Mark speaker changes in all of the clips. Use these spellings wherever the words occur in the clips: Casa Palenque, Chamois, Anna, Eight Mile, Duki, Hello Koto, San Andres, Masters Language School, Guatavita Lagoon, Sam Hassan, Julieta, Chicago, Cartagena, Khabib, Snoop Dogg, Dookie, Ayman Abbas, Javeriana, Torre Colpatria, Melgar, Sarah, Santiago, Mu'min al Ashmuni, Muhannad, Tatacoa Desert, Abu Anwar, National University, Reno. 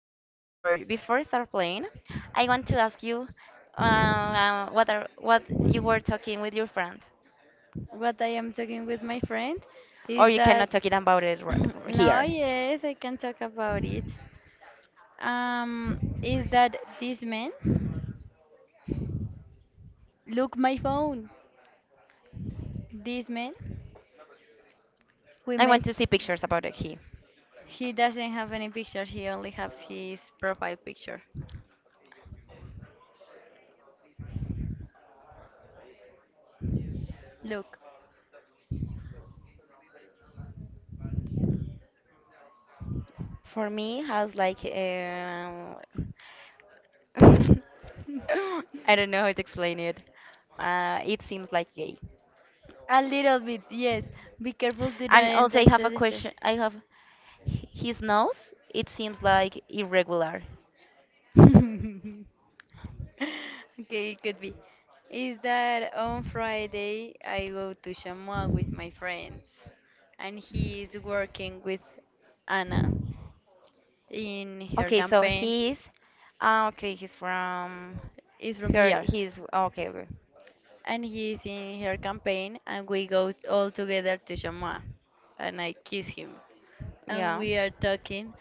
Speaker 1: after before before I start playing, I want to ask you what you were talking with your friend,
Speaker 2: What I am talking with my friend
Speaker 1: or
Speaker 2: is
Speaker 1: you
Speaker 2: that.
Speaker 1: cannot talk it about it
Speaker 2: No,
Speaker 1: here.
Speaker 2: yes, I can talk about it. Is that this man? Look my phone. This man we
Speaker 1: I
Speaker 2: met.
Speaker 1: want to see pictures about it here.
Speaker 2: He doesn't have any picture. He only has his profile picture. Look,
Speaker 1: For me, has like I don't know how to explain it. It seems like gay.
Speaker 2: a little bit. Yes. Be careful. Do
Speaker 1: And
Speaker 2: not
Speaker 1: also,
Speaker 2: enter
Speaker 1: I
Speaker 2: to
Speaker 1: have a
Speaker 2: the chat.
Speaker 1: question. I have his nose. It seems like irregular.
Speaker 2: Okay, it could be. Is that on Friday I go to Chamois with my friends, and he is working with Anna in her
Speaker 1: Okay, so
Speaker 2: campaign.
Speaker 1: he's ah okay, he's from
Speaker 2: Is from
Speaker 1: here
Speaker 2: here,
Speaker 1: he's oh, okay, okay.
Speaker 2: and he is in her campaign, and we go all together to Chamois, and I kiss him. And
Speaker 1: Yeah.
Speaker 2: we are talking,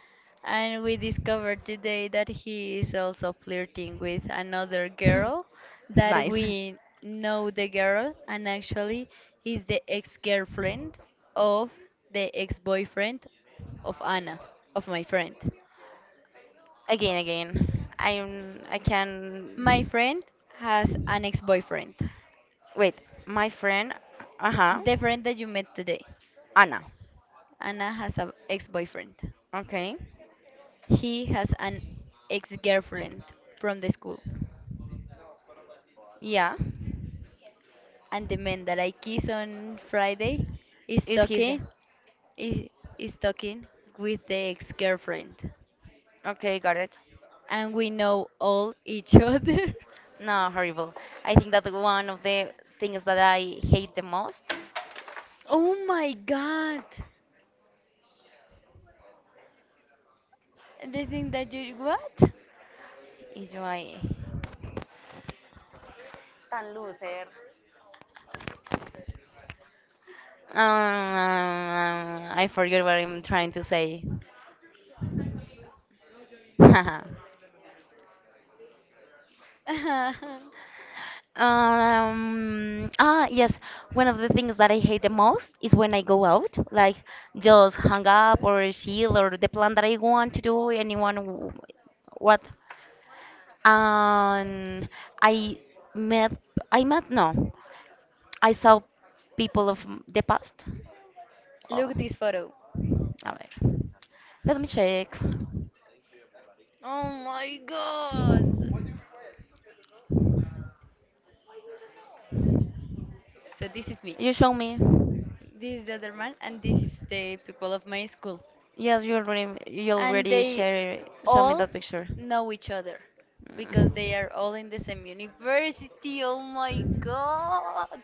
Speaker 2: and we discovered today that he is also flirting with another girl that
Speaker 1: Nice.
Speaker 2: we know the girl, and actually is the ex-girlfriend of the ex-boyfriend of Anna, of my friend.
Speaker 1: Again, again. I
Speaker 2: My
Speaker 1: can
Speaker 2: friend has an ex-boyfriend,
Speaker 1: wait, my friend uh-huh.
Speaker 2: the friend that you met today.
Speaker 1: Anna.
Speaker 2: Anna has an ex-boyfriend.
Speaker 1: Okay.
Speaker 2: He has an ex-girlfriend from the school.
Speaker 1: Yeah.
Speaker 2: And the man that I kissed on Friday is
Speaker 1: Is his
Speaker 2: talking is, is talking with the ex-girlfriend.
Speaker 1: okay, got it.
Speaker 2: And we know all each other.
Speaker 1: No, horrible. I think that one of the things that I hate the most
Speaker 2: Oh my god. The thing that you what?
Speaker 1: is why um, I forget what I'm trying to say. Yes. One of the things that I hate the most is when I go out, like just hang up or chill or the plan that I want to do, anyone, what. And I met, I met, no, I saw people of the past. Oh,
Speaker 2: Look this photo.
Speaker 1: a ver. Let me check.
Speaker 2: Oh my god. So this is me.
Speaker 1: You show me.
Speaker 2: This is the other man and this is the people of my school.
Speaker 1: Yes, you
Speaker 2: And
Speaker 1: already
Speaker 2: they
Speaker 1: share, show me
Speaker 2: all
Speaker 1: that picture.
Speaker 2: know each other because they
Speaker 1: Mm.
Speaker 2: are all in the same university. Oh my god!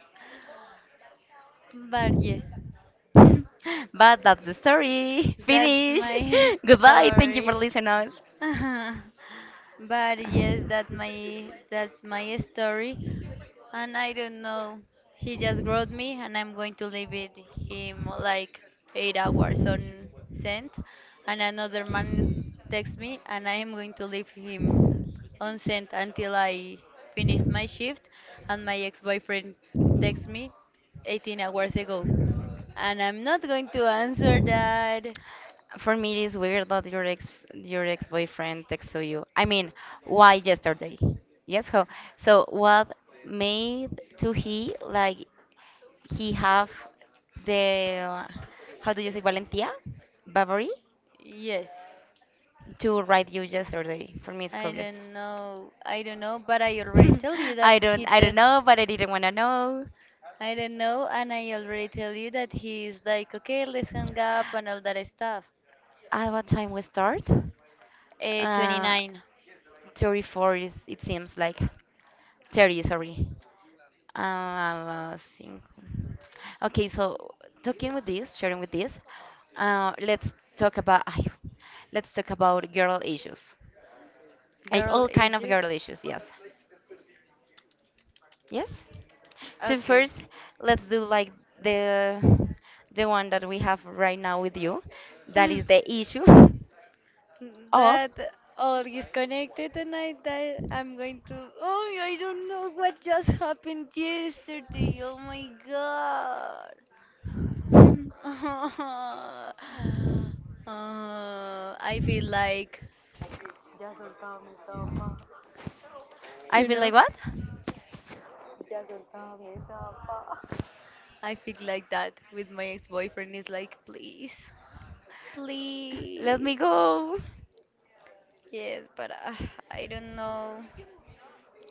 Speaker 2: But yes,
Speaker 1: But that's the story.
Speaker 2: that's
Speaker 1: Finish.
Speaker 2: my
Speaker 1: Goodbye. Thank you for
Speaker 2: story.
Speaker 1: listening us.
Speaker 2: But yes, that's my story, and I don't know. He just wrote me, and I'm going to leave it him like 8 hours on sent, and another man text me, and I am going to leave him on send until I finish my shift, and my ex-boyfriend texts me 18 hours ago, and I'm not going to answer that.
Speaker 1: For me, it is weird that your ex boyfriend texts to you. I mean, why yesterday? Yes, ho. So what made to he like he have the how do you say valentia, bravery
Speaker 2: Yes,
Speaker 1: to write you yesterday? For me, it's
Speaker 2: I
Speaker 1: curious.
Speaker 2: don't know. I don't know, but I already tell you that
Speaker 1: I don't
Speaker 2: he
Speaker 1: I
Speaker 2: tell.
Speaker 1: don't know, but I didn't wanna know.
Speaker 2: I don't know, and I already tell you that he's like, okay, let's hang up and all that stuff.
Speaker 1: At what time we start? Uh,
Speaker 2: 29.
Speaker 1: 34 is, it seems like 30, sorry. Cinco. Okay, so talking with this, sharing with this, let's talk about ay, let's talk about girl issues, like
Speaker 2: Girl
Speaker 1: all kind of
Speaker 2: ages.
Speaker 1: girl issues. Yes, yes. So
Speaker 2: Okay.
Speaker 1: first, let's do like the the one that we have right now with you. That
Speaker 2: Hmm.
Speaker 1: is the issue of
Speaker 2: That all is connected and I that I'm going to. Oh, I don't know what just happened yesterday. Oh my god. I feel like
Speaker 1: I
Speaker 2: you
Speaker 1: feel like
Speaker 2: know
Speaker 1: what?
Speaker 2: I feel like that with my ex-boyfriend is like please,
Speaker 1: Let me
Speaker 2: please,
Speaker 1: go.
Speaker 2: yes, but I don't know.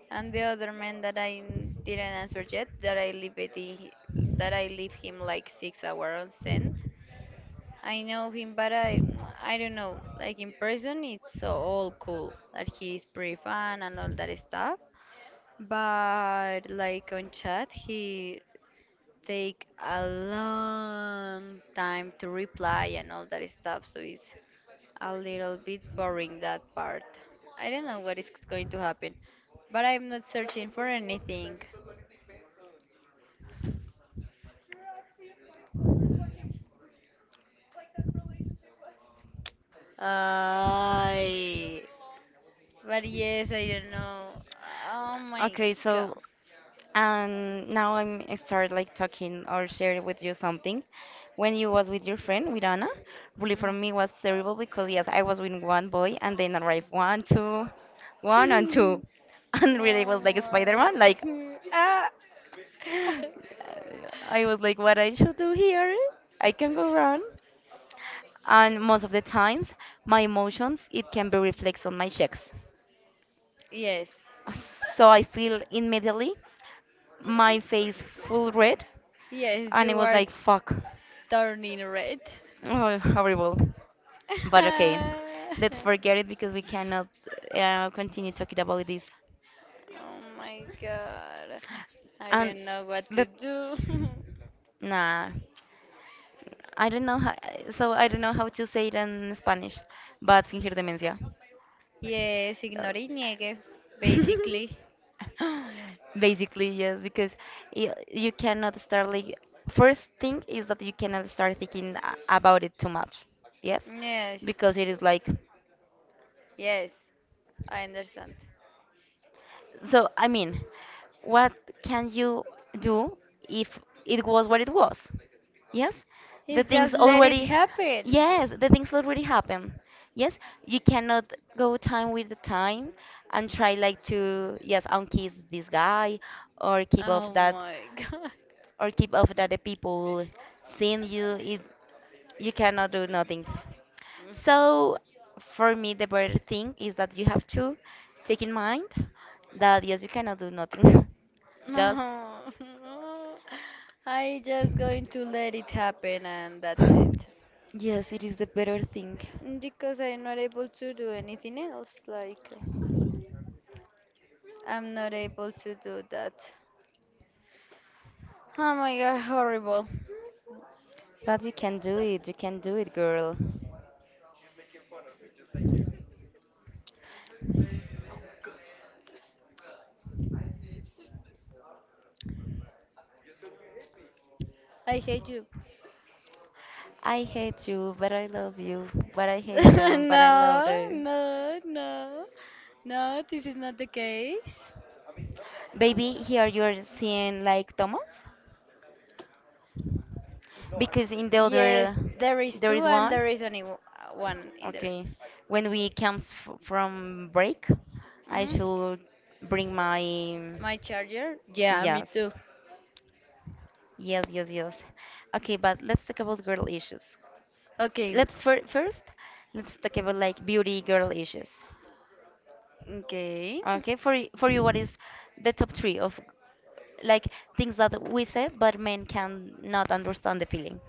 Speaker 2: And the other man that didn't answer yet, that I leave him like 6 hours on send. I know him, but I don't know. Like in person, it's so all cool. That he's pretty fun and all that stuff. But like on chat, he take a long time to reply and all that stuff. So it's a little bit boring that part. I don't know what is going to happen, but I'm not searching for anything. I. But yes, I don't know. Oh my
Speaker 1: Okay, so
Speaker 2: god.
Speaker 1: now I start like talking or share with you something. When you was with your friend with Anna, really for
Speaker 2: Mm.
Speaker 1: me was terrible because yes, I was with one boy and then arrived one, two, one and two, and really was like a
Speaker 2: Oh
Speaker 1: Spider-Man. Like
Speaker 2: my. ah.
Speaker 1: I was like, what I should do here? I can go wrong. And most of the times, my emotions it can be reflected on my cheeks.
Speaker 2: Yes.
Speaker 1: So I feel immediately my face full red
Speaker 2: Yes,
Speaker 1: and it
Speaker 2: you
Speaker 1: was
Speaker 2: are
Speaker 1: like fuck
Speaker 2: turning red.
Speaker 1: oh, horrible but okay
Speaker 2: Oh
Speaker 1: let's forget it because we cannot continue talking about this
Speaker 2: my god. I
Speaker 1: and
Speaker 2: don't know what to
Speaker 1: let
Speaker 2: do.
Speaker 1: nah I don't know how, so I don't know how to say it in Spanish but fingir demencia
Speaker 2: Yes,
Speaker 1: Uh,
Speaker 2: ignore y niegue, basically.
Speaker 1: basically yes because you cannot start like first thing is that you cannot start thinking about it too much yes
Speaker 2: Yes,
Speaker 1: because it is like
Speaker 2: yes, I understand.
Speaker 1: So, I mean, what can you do if it was what it was? Yes, the
Speaker 2: It's
Speaker 1: things
Speaker 2: just let it
Speaker 1: already.
Speaker 2: happen.
Speaker 1: Yes, the things already happen. Yes, you cannot go time with the time and try like to yes unkiss this guy or keep off
Speaker 2: Oh
Speaker 1: that
Speaker 2: my god.
Speaker 1: or keep off that the people seeing you. It you cannot do nothing. So for me, the better thing is that you have to take in mind that yes, you cannot do nothing. Just
Speaker 2: No. I just going to let it happen and that's it.
Speaker 1: yes, it is the better thing.
Speaker 2: Mm, because I'm not able to do anything else. Like, I'm not able to do that. Oh my god, horrible.
Speaker 1: But you can do it, you can do it, girl.
Speaker 2: I hate you.
Speaker 1: I hate you, but I love you. But I hate them, but I love
Speaker 2: No,
Speaker 1: them.
Speaker 2: no, no. No, this is not the case.
Speaker 1: Baby, here you are seeing like Thomas, because in the other
Speaker 2: Yes, there is
Speaker 1: there
Speaker 2: two,
Speaker 1: is
Speaker 2: and
Speaker 1: one.
Speaker 2: there is only one in there.
Speaker 1: Okay, when we comes f from break, I
Speaker 2: Hmm.
Speaker 1: should bring my
Speaker 2: My charger? Yeah, me
Speaker 1: Yes,
Speaker 2: too.
Speaker 1: yes, Okay, but let's talk about girl issues.
Speaker 2: Okay,
Speaker 1: Let's first let's talk about like beauty girl issues.
Speaker 2: okay.
Speaker 1: Okay, for for you, what is the top three of like things that we said, but men can not understand the feeling?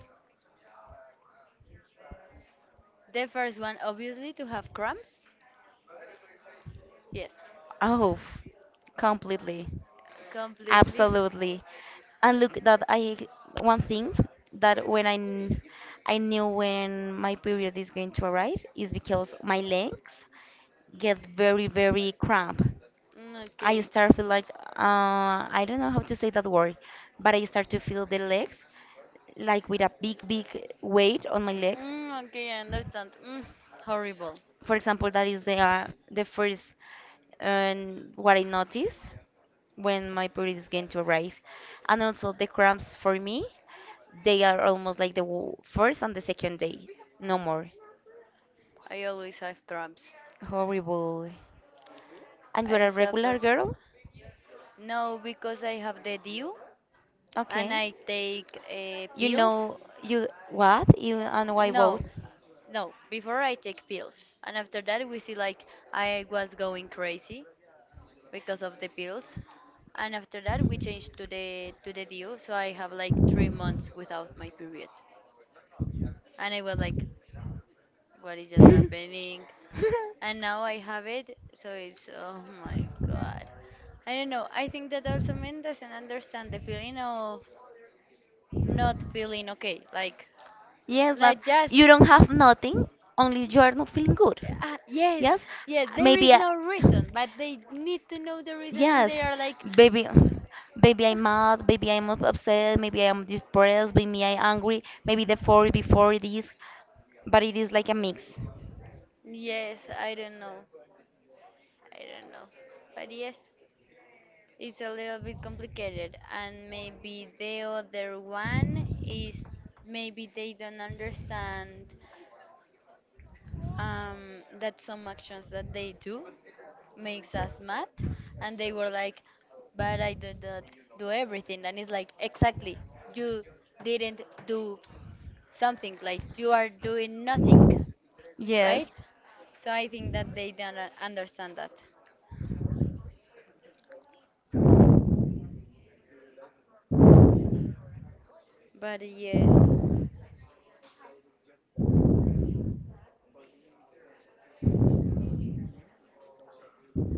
Speaker 2: The first one, obviously, to have cramps. Yes,
Speaker 1: Oh, completely.
Speaker 2: completely.
Speaker 1: Absolutely. And look that I one thing that when I kn- I knew when my period is going to arrive is because my legs get very very cramp.
Speaker 2: Mm,
Speaker 1: I
Speaker 2: okay.
Speaker 1: start feel like I don't know how to say that word, but I start to feel the legs like with a big big weight on my legs
Speaker 2: Mm, okay, I understand. Mm, horrible.
Speaker 1: for example, that is the first what I notice when my period is going to arrive, and also the cramps for me, they are almost like the first and the second day, no more.
Speaker 2: I always have cramps.
Speaker 1: Horrible. And
Speaker 2: I
Speaker 1: you're a
Speaker 2: suffer.
Speaker 1: regular girl?
Speaker 2: No, because I have the dew and
Speaker 1: Okay.
Speaker 2: I take
Speaker 1: You
Speaker 2: pills.
Speaker 1: know you what? You and why both?
Speaker 2: No, no, before I take pills. And after that, we see like I was going crazy because of the pills. And after that, we changed to the D.U. So I have like 3 months without my period. And I was like, what is just happening? And now I have it. So it's oh my god. I don't know. I think that also men doesn't understand the feeling of not feeling okay.
Speaker 1: Yes, lad.
Speaker 2: Like just.
Speaker 1: You don't have nothing, only you are not feeling good.
Speaker 2: Ah, yes,
Speaker 1: Yes?
Speaker 2: yes, there
Speaker 1: Maybe
Speaker 2: is
Speaker 1: I.
Speaker 2: no reason, but they need to know the reason and
Speaker 1: Yes,
Speaker 2: they are like,
Speaker 1: baby, baby, I'm mad. Baby, upset. Maybe I'm depressed. Maybe I'm angry. Maybe the four before this, but it is like a mix.
Speaker 2: yes, I don't know, I don't know. But yes, it's a little bit complicated, and maybe the other one is maybe they don't understand that some actions that they do makes us mad and they were like but I did not do everything and it's like exactly you didn't do something like you are doing nothing,
Speaker 1: Yes.
Speaker 2: right? So I think that they don't understand that, but yes,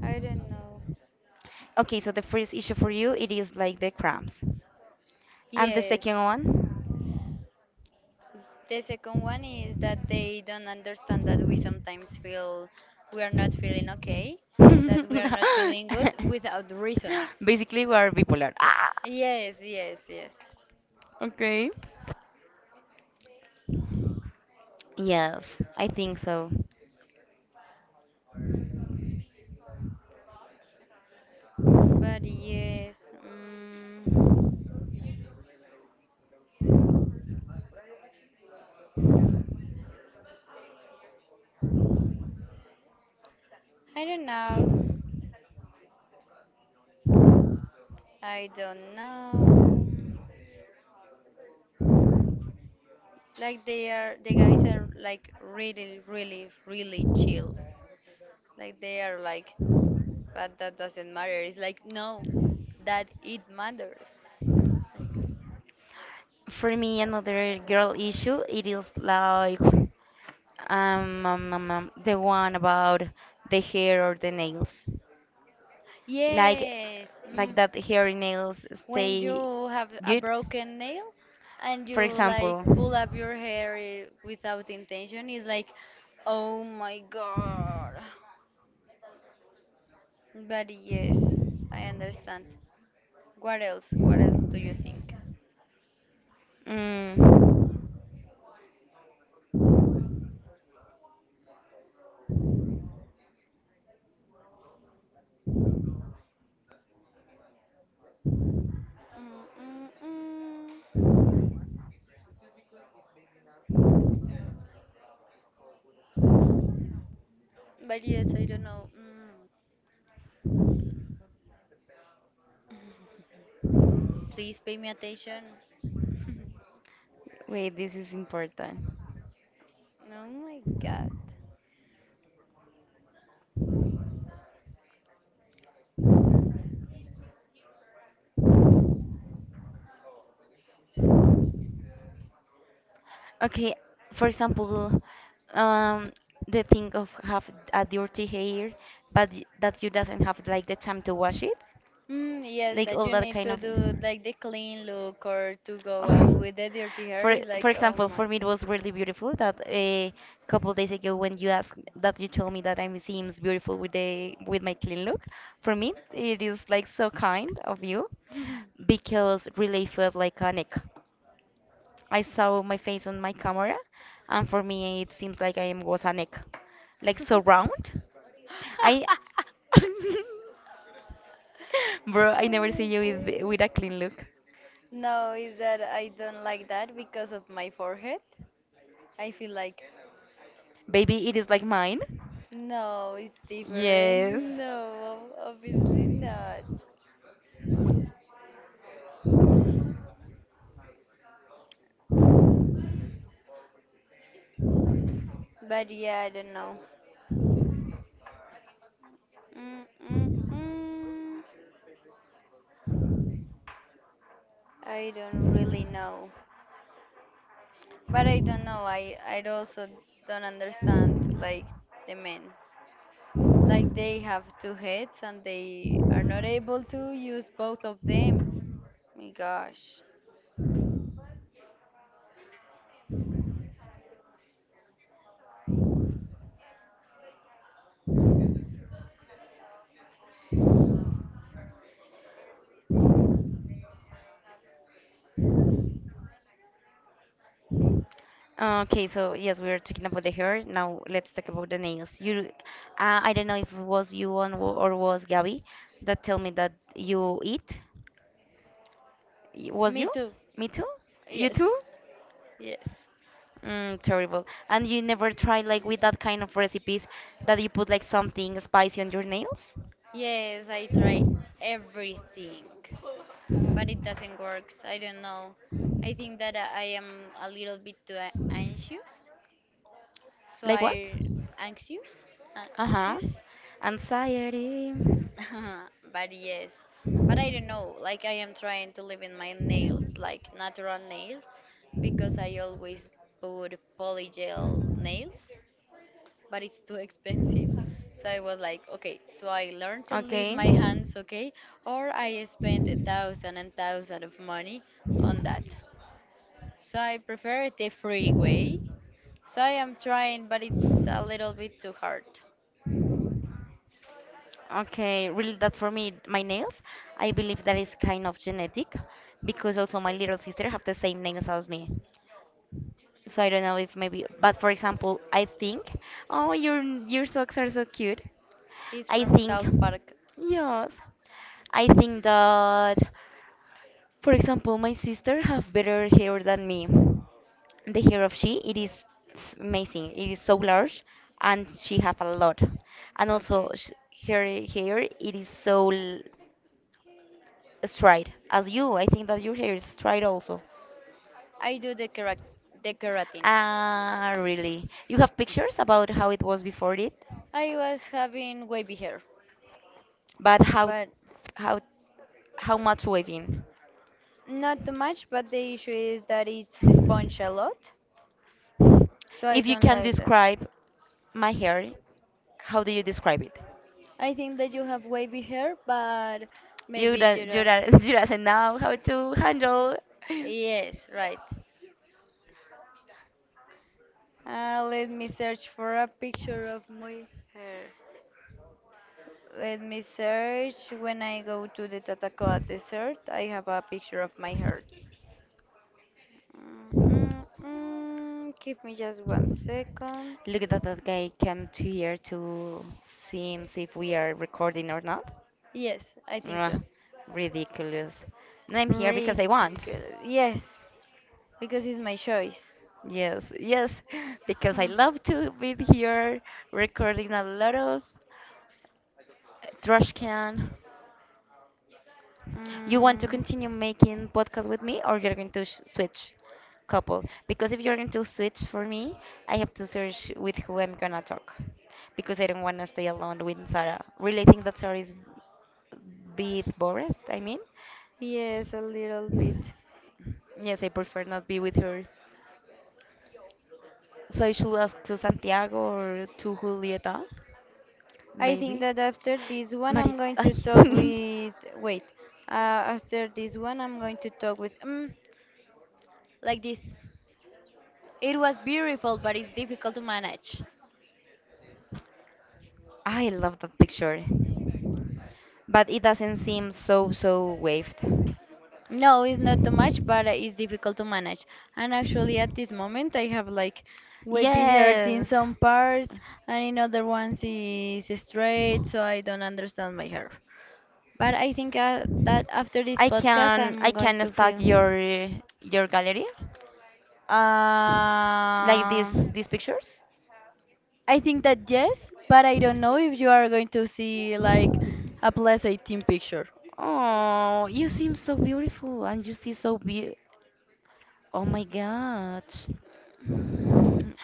Speaker 2: I don't know.
Speaker 1: Okay, so the first issue for you, it is like the cramps, and the second
Speaker 2: Yes,
Speaker 1: one,
Speaker 2: the second one is that they don't understand that we sometimes feel we are not feeling okay, that we are not feeling good without reason.
Speaker 1: basically we are bipolar. Ah.
Speaker 2: Yes, yes, yes.
Speaker 1: Okay. Yes, I think so.
Speaker 2: But yes, mm, I don't know. I don't know. Like they are, the guys are like really, really, really chill. Like they are like, but that doesn't matter. It's like no, that it matters. Like,
Speaker 1: For me,
Speaker 2: but,
Speaker 1: another girl issue, it is like the one about the hair or the nails. Like
Speaker 2: yes.
Speaker 1: like
Speaker 2: Mm.
Speaker 1: that hair and nails
Speaker 2: When
Speaker 1: stay
Speaker 2: you have a
Speaker 1: good.
Speaker 2: broken nail and you
Speaker 1: For
Speaker 2: like
Speaker 1: example,
Speaker 2: pull up your hair without intention, it's like, oh my god. But yes, I understand. What else? What else do you think?
Speaker 1: mm,
Speaker 2: Mm, mm, mm. But yes, I don't know. Mm. Please pay me attention. Oh
Speaker 1: wait, this is important.
Speaker 2: my god.
Speaker 1: Okay, for example, um, the thing of have a dirty hair, but that you doesn't have like the time to wash it,
Speaker 2: Mm, yes,
Speaker 1: like
Speaker 2: that
Speaker 1: all
Speaker 2: you
Speaker 1: that
Speaker 2: need
Speaker 1: kind
Speaker 2: to
Speaker 1: of.
Speaker 2: do like the clean look or to go out with the dirty hair
Speaker 1: For
Speaker 2: is
Speaker 1: for
Speaker 2: like, oh
Speaker 1: example,
Speaker 2: my.
Speaker 1: for me it was really beautiful that a couple days ago when you asked that you told me that I'm seems beautiful with the with my clean look. For me, it is like so kind of you because really felt like a neck. I saw my face on my camera, and for me it seems like I am was a neck, like so round. I, bro, I
Speaker 2: Oh
Speaker 1: never see
Speaker 2: my
Speaker 1: you with a
Speaker 2: God.
Speaker 1: clean look.
Speaker 2: No, is that I don't like that because of my forehead. I feel like,
Speaker 1: Baby, it is like mine.
Speaker 2: no, it's different.
Speaker 1: Yes.
Speaker 2: No, obviously not. But yeah, I don't know. Mm, mm, mm. I don't really know. But I don't know. I also don't understand like the men's. Like they have two heads and they are not able to use both of them. My gosh.
Speaker 1: Okay, so yes, we were talking about the hair. Now let's talk about the nails. You, I don't know if it was you on, or was Gabby that tell me that you eat. Was
Speaker 2: Me
Speaker 1: you?
Speaker 2: too.
Speaker 1: Me too? You
Speaker 2: Yes.
Speaker 1: too?
Speaker 2: Yes.
Speaker 1: Mm, terrible. And you never try like with that kind of recipes that you put like something spicy on your nails?
Speaker 2: Yes, I try everything, but it doesn't work. I don't know. I think that I am a little bit too anxious. So
Speaker 1: Like what?
Speaker 2: I anxious,
Speaker 1: Uh-huh.
Speaker 2: anxious.
Speaker 1: Anxiety.
Speaker 2: But yes, but I don't know. Like I am trying to live in my nails, like natural nails, because I always put polygel nails, but it's too expensive. So I was like, okay, so I learned to leave
Speaker 1: Okay.
Speaker 2: my hands, okay, or I spend a thousand and thousand of money on that. So I prefer the free way. So I am trying, but it's a little bit too hard.
Speaker 1: Okay, really, that for me, my nails, I believe that is kind of genetic because also my little sister have the same nails as me. So I don't know if maybe, but for example, I think, oh, your socks are so cute.
Speaker 2: He's
Speaker 1: I
Speaker 2: from
Speaker 1: think,
Speaker 2: South Park.
Speaker 1: yes, I think that, for example, my sister have better hair than me. The hair of she, it is amazing. It is so large, and she have a lot, and also
Speaker 2: Okay.
Speaker 1: sh her hair, it is so. Straight. As you, I think that your hair is straight also.
Speaker 2: I do the, the keratin.
Speaker 1: Ah, really? You have pictures about how it was before it,
Speaker 2: I was having wavy hair,
Speaker 1: but
Speaker 2: but
Speaker 1: how how much waving?
Speaker 2: not too much. But the issue is that it's sponge a lot, so I
Speaker 1: If you
Speaker 2: don't
Speaker 1: can
Speaker 2: like that.
Speaker 1: describe my hair, how do you describe it?
Speaker 2: I think that you have wavy hair, but
Speaker 1: You
Speaker 2: maybe you
Speaker 1: don't you
Speaker 2: don't.
Speaker 1: don't you doesn't know how to handle.
Speaker 2: Yes, right. Let me search for a picture of my hair. Let me search. When I go to the Tatacoa Desert, I have a picture of my hair. Mm, mm, mm. Give me just one second.
Speaker 1: Look at that, that guy came to here to see him, see if we are recording or not.
Speaker 2: Yes, I think
Speaker 1: Mwah,
Speaker 2: so.
Speaker 1: ridiculous. No, I'm here because I want.
Speaker 2: Ridiculous. Yes, because it's my choice.
Speaker 1: Yes, yes, because I
Speaker 2: Hmm.
Speaker 1: love to be here recording a lot of trash can. You want to
Speaker 2: Mm,
Speaker 1: continue making podcast with me, or you're going to sh switch couple? Because if you're going to switch for me, I have to search with who I'm gonna talk, because I don't want to stay alone with Sarah. Really, I think that Sarah is a bit bored. I mean.
Speaker 2: yes, a little bit.
Speaker 1: Yes, I prefer not be with her. So I should ask to Santiago or to Julieta,
Speaker 2: I think
Speaker 1: maybe.
Speaker 2: that after this one,
Speaker 1: Marit,
Speaker 2: I'm going
Speaker 1: ay.
Speaker 2: to talk with. Wait. After this one, I'm going to talk with. Mm, like this. It was beautiful, but it's difficult to manage.
Speaker 1: I love that picture, but it doesn't seem so waved.
Speaker 2: No, it's not too much, but it's difficult to manage. And actually, at this moment, I have like wavy hair in
Speaker 1: Yes,
Speaker 2: some parts, and in other ones it's straight, so I don't understand my hair. But I think that after this
Speaker 1: I
Speaker 2: podcast,
Speaker 1: can I
Speaker 2: I'm going
Speaker 1: can
Speaker 2: to
Speaker 1: stalk
Speaker 2: feel.
Speaker 1: your gallery like
Speaker 2: Uh,
Speaker 1: this these pictures.
Speaker 2: I think that yes, but I don't know if you are going to see like a plus 18 picture.
Speaker 1: Oh, you seem so beautiful and you see so be. Oh my God.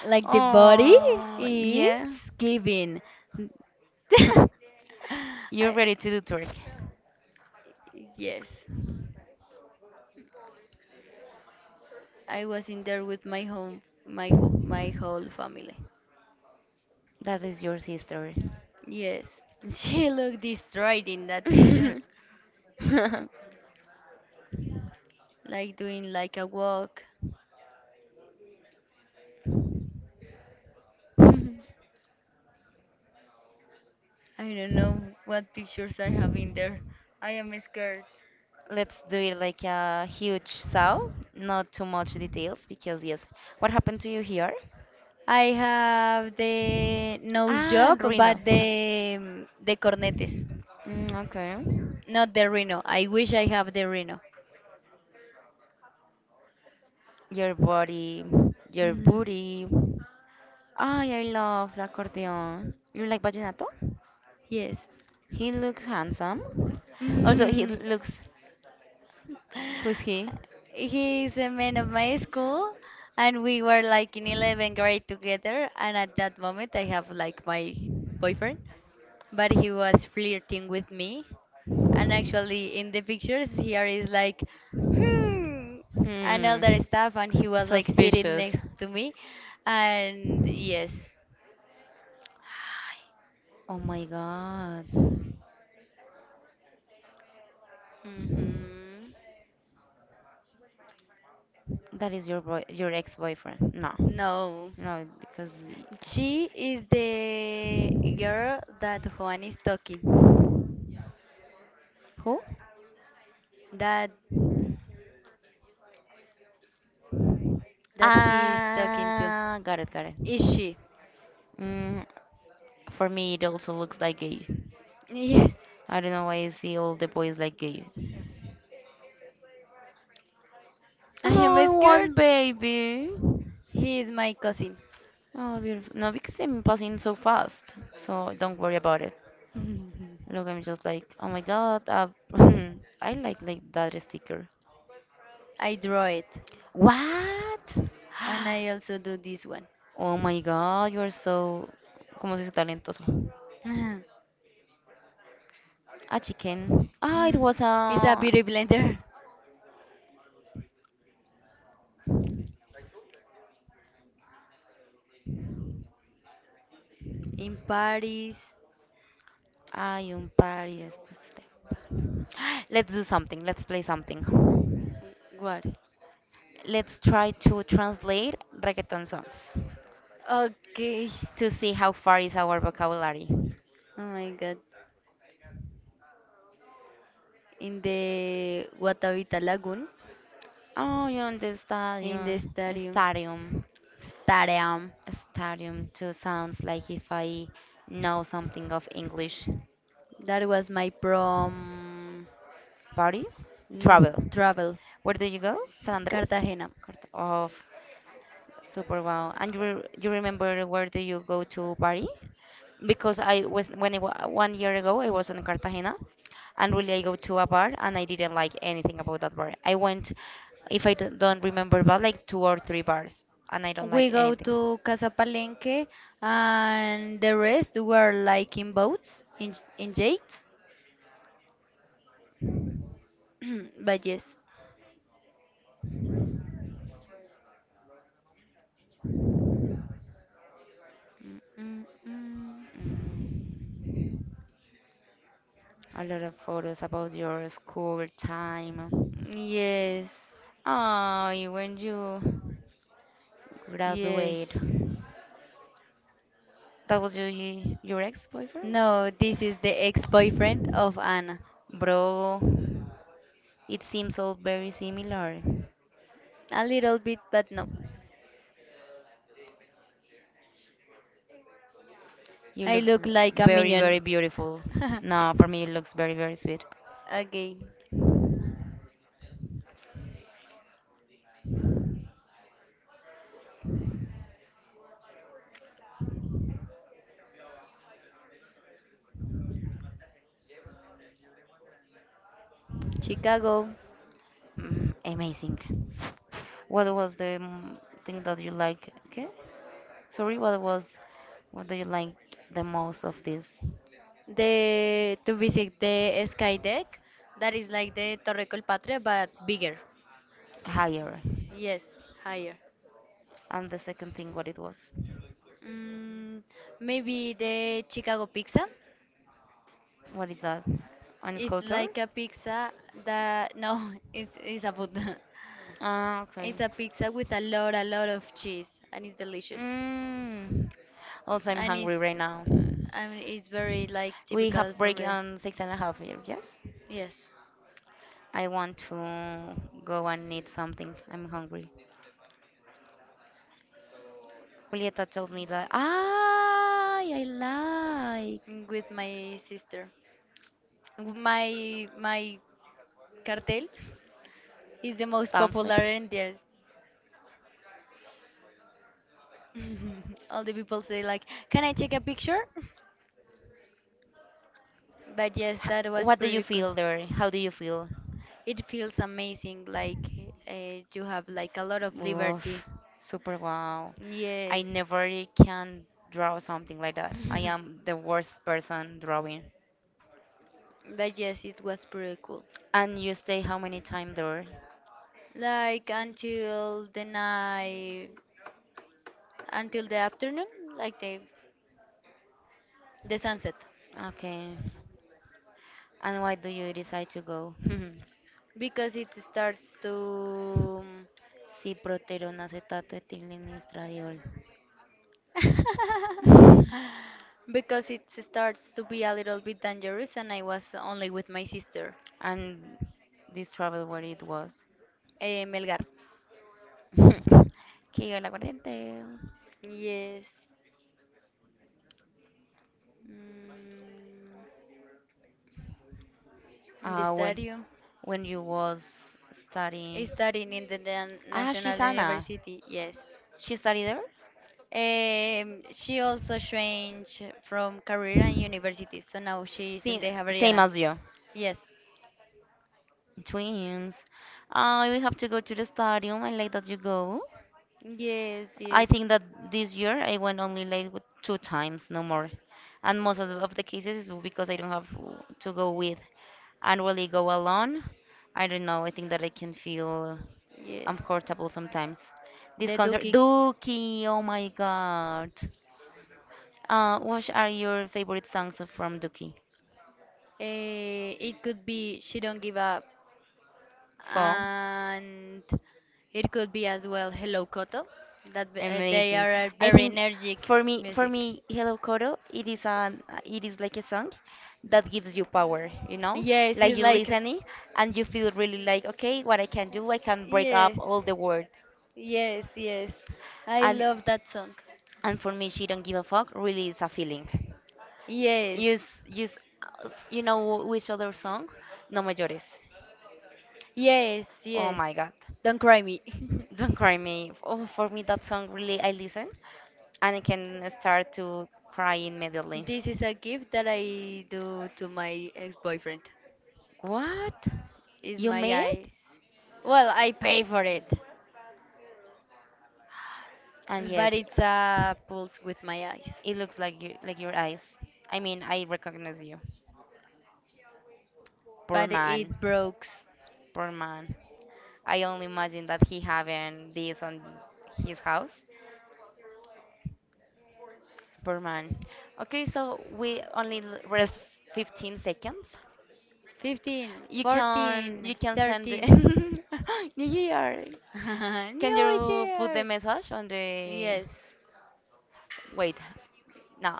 Speaker 2: Like the body
Speaker 1: Oh
Speaker 2: is
Speaker 1: yeah.
Speaker 2: giving.
Speaker 1: You're
Speaker 2: I,
Speaker 1: ready to do twerk.
Speaker 2: yes, I was in there with my home, my whole family.
Speaker 1: That is your sister.
Speaker 2: Yes, she looked destroyed in that picture. Like doing like a walk. I don't know what pictures I have in there. I am scared.
Speaker 1: Let's do it like a huge sow, not too much details because yes. What happened to you here?
Speaker 2: I have the nose
Speaker 1: Ah,
Speaker 2: job, but
Speaker 1: Reno.
Speaker 2: the cornetes,
Speaker 1: Mm, okay.
Speaker 2: not the rhino. I wish I have the rhino.
Speaker 1: Your body, your
Speaker 2: Mm,
Speaker 1: booty. Ay, I love la acordeón. You like vallenato?
Speaker 2: yes.
Speaker 1: He looks handsome. Also,
Speaker 2: Mhm.
Speaker 1: he looks. Who is he?
Speaker 2: He is a man of my school, and we were like in 11th grade together. And at that moment, I have like my boyfriend, but he was flirting with me. And actually, in the pictures, here is like, hmm, and all
Speaker 1: Hmm.
Speaker 2: that stuff. And he was like sitting
Speaker 1: Suspicious.
Speaker 2: next to me, and yes,
Speaker 1: Oh my god.
Speaker 2: hmm,
Speaker 1: That is your boy, your ex-boyfriend. No.
Speaker 2: no.
Speaker 1: No, because the-
Speaker 2: She is the girl that Juan is talking,
Speaker 1: who?
Speaker 2: that that he is talking to.
Speaker 1: Ah, got it, got it.
Speaker 2: Is she?
Speaker 1: Mm, for me, it also looks like gay.
Speaker 2: Yes.
Speaker 1: I don't know why I see all the boys like gay.
Speaker 2: I am
Speaker 1: Oh, I
Speaker 2: scared.
Speaker 1: want baby.
Speaker 2: He is my cousin.
Speaker 1: Oh, beautiful. No, because I'm passing so fast, so don't worry about it. Look, I'm just like, oh my god, I like that sticker.
Speaker 2: I draw it,
Speaker 1: What?
Speaker 2: and
Speaker 1: And
Speaker 2: I also do this one.
Speaker 1: Oh my god, you are so, ¿cómo se dice talentoso? A chicken. Ah, it
Speaker 2: Mm,
Speaker 1: was
Speaker 2: it's a beauty blender. In Paris,
Speaker 1: ay, un par y después te par. Let's do something. Let's play something.
Speaker 2: what?
Speaker 1: Let's try to translate reggaeton songs
Speaker 2: Okay.
Speaker 1: to see how far is our vocabulary.
Speaker 2: Oh my God. In the Guatavita Lagoon,
Speaker 1: Oh, yeah, the
Speaker 2: in the stadium. Stadium.
Speaker 1: stadium. Too sounds like if I know something of English.
Speaker 2: That was my prom,
Speaker 1: Party,
Speaker 2: mm,
Speaker 1: travel.
Speaker 2: travel.
Speaker 1: Where do you go? San Andres?
Speaker 2: Cartagena.
Speaker 1: Of super wow. And you, you remember where do you go to party? Because I was when 1 year ago I was in Cartagena, and really I go to a bar and I didn't like anything about that bar. I went, if I don't remember, but like two or three bars, and I don't
Speaker 2: We
Speaker 1: like
Speaker 2: go
Speaker 1: anything.
Speaker 2: to Casa Palenque, and the rest were like in boats, in yachts. But yes, mm, mm, mm.
Speaker 1: Mm, a lot of photos about your school time.
Speaker 2: Yes,
Speaker 1: Oh, when you
Speaker 2: yes.
Speaker 1: graduate, that was your ex-boyfriend?
Speaker 2: No, this is the ex-boyfriend of Anna.
Speaker 1: Of. Bro, it seems all very similar.
Speaker 2: A little bit, but no.
Speaker 1: You I
Speaker 2: I
Speaker 1: looks
Speaker 2: look
Speaker 1: a
Speaker 2: like a
Speaker 1: very
Speaker 2: minion.
Speaker 1: very beautiful. No, for me it looks very very sweet.
Speaker 2: Okay, Chicago.
Speaker 1: Mm, amazing. What was the thing that you like? Okay? Sorry, what was what do you like the most of this
Speaker 2: The to visit the sky deck that is like the Torre Colpatria but bigger.
Speaker 1: higher?
Speaker 2: Yes, higher.
Speaker 1: And the second thing, what it was?
Speaker 2: Mm, maybe the Chicago pizza.
Speaker 1: What is that? An
Speaker 2: It's
Speaker 1: sculpture?
Speaker 2: like a pizza that no, it's a food.
Speaker 1: Ah, okay.
Speaker 2: It's a pizza with a lot of cheese, and it's delicious.
Speaker 1: Mm. Also, I'm
Speaker 2: And it's,
Speaker 1: hungry right now.
Speaker 2: I mean, it's very like
Speaker 1: We
Speaker 2: typical
Speaker 1: have
Speaker 2: from
Speaker 1: break
Speaker 2: the.
Speaker 1: on six and a half here, yes?
Speaker 2: Yes,
Speaker 1: I want to go and eat something. I'm hungry. Julieta told me that. Ah, I like
Speaker 2: mm, with my sister. My cartel is the most
Speaker 1: pamphlet.
Speaker 2: popular
Speaker 1: H-
Speaker 2: in there. All the people say like, "Can I take a picture?" But yes, that was
Speaker 1: What do you
Speaker 2: pretty cool.
Speaker 1: feel there? How do you feel?
Speaker 2: It feels amazing. Like you have like a lot of liberty.
Speaker 1: Oof, super wow. I
Speaker 2: Yes.
Speaker 1: never can draw something like that. I am the worst person drawing.
Speaker 2: But yes, it was pretty cool.
Speaker 1: And you stay how many time there?
Speaker 2: Like until the night, until the afternoon, like the. The sunset.
Speaker 1: Okay. And why do you decide to go?
Speaker 2: Because it starts to.
Speaker 1: Ciproterone acetato ethylene estradiol.
Speaker 2: Because it starts to be a little bit dangerous, and I was only with my sister,
Speaker 1: And this travel where it was.
Speaker 2: Melgar.
Speaker 1: Que el aguardiente.
Speaker 2: Yes. Mm. In the
Speaker 1: When
Speaker 2: stadium,
Speaker 1: you was studying.
Speaker 2: studying in the
Speaker 1: Ah,
Speaker 2: National
Speaker 1: she's Anna.
Speaker 2: University, yes.
Speaker 1: She studied there.
Speaker 2: She also changed from career and university, so now she is in
Speaker 1: Same,
Speaker 2: the
Speaker 1: same
Speaker 2: Javeriana.
Speaker 1: as you.
Speaker 2: Yes,
Speaker 1: Twins. We have to go to the stadium. I like that you go.
Speaker 2: yes,
Speaker 1: I
Speaker 2: yes.
Speaker 1: think that this year I went only like with two times, no more. And most of the cases is because I don't have w- to go with. And really go alone, I don't know. I think that I can feel
Speaker 2: Yes.
Speaker 1: uncomfortable sometimes. This
Speaker 2: The
Speaker 1: concert,
Speaker 2: Duki.
Speaker 1: Dookie, oh my God. What are your favorite songs from Dookie?
Speaker 2: It could be she don't give up,
Speaker 1: Four.
Speaker 2: and it could be as well Hello Koto. That they
Speaker 1: Amazing.
Speaker 2: are a
Speaker 1: I
Speaker 2: very
Speaker 1: think
Speaker 2: energetic
Speaker 1: for
Speaker 2: music.
Speaker 1: me, Hello Coro, it is like a song that gives you power, you know? Yes,
Speaker 2: Yes,
Speaker 1: like
Speaker 2: it's
Speaker 1: you exactly.
Speaker 2: like
Speaker 1: Listen it and you feel really like, okay, what I can do, I can break up
Speaker 2: yes,
Speaker 1: all the world.
Speaker 2: yes, yes. I
Speaker 1: And
Speaker 2: love that song.
Speaker 1: and for me, she don't give a fuck really is a feeling. Yes.
Speaker 2: Yes,
Speaker 1: Use you know which other song? No mayores.
Speaker 2: yes,
Speaker 1: Oh
Speaker 2: yes.
Speaker 1: my God.
Speaker 2: Don't cry me.
Speaker 1: Don't cry me. Oh, for me that song really I listen and I can start to cry immediately.
Speaker 2: This is a gift that I do to my ex-boyfriend.
Speaker 1: What?
Speaker 2: Is
Speaker 1: You like
Speaker 2: my
Speaker 1: made it?
Speaker 2: eyes. Well, I pay for it.
Speaker 1: And
Speaker 2: Okay, but
Speaker 1: yes,
Speaker 2: it's a pulse with my eyes.
Speaker 1: it looks like you, like your eyes. I mean, I recognize you. Poor
Speaker 2: But
Speaker 1: man,
Speaker 2: it broke.
Speaker 1: poor man. I only imagine that he having this on his house. Poor man. Okay, so we only l- rest 15 seconds.
Speaker 2: 15,
Speaker 1: You can you
Speaker 2: 14,
Speaker 1: can send the
Speaker 2: 13.
Speaker 1: New Year. Can
Speaker 2: New
Speaker 1: you put the
Speaker 2: Year!
Speaker 1: message on the.
Speaker 2: Yes,
Speaker 1: Wait, no.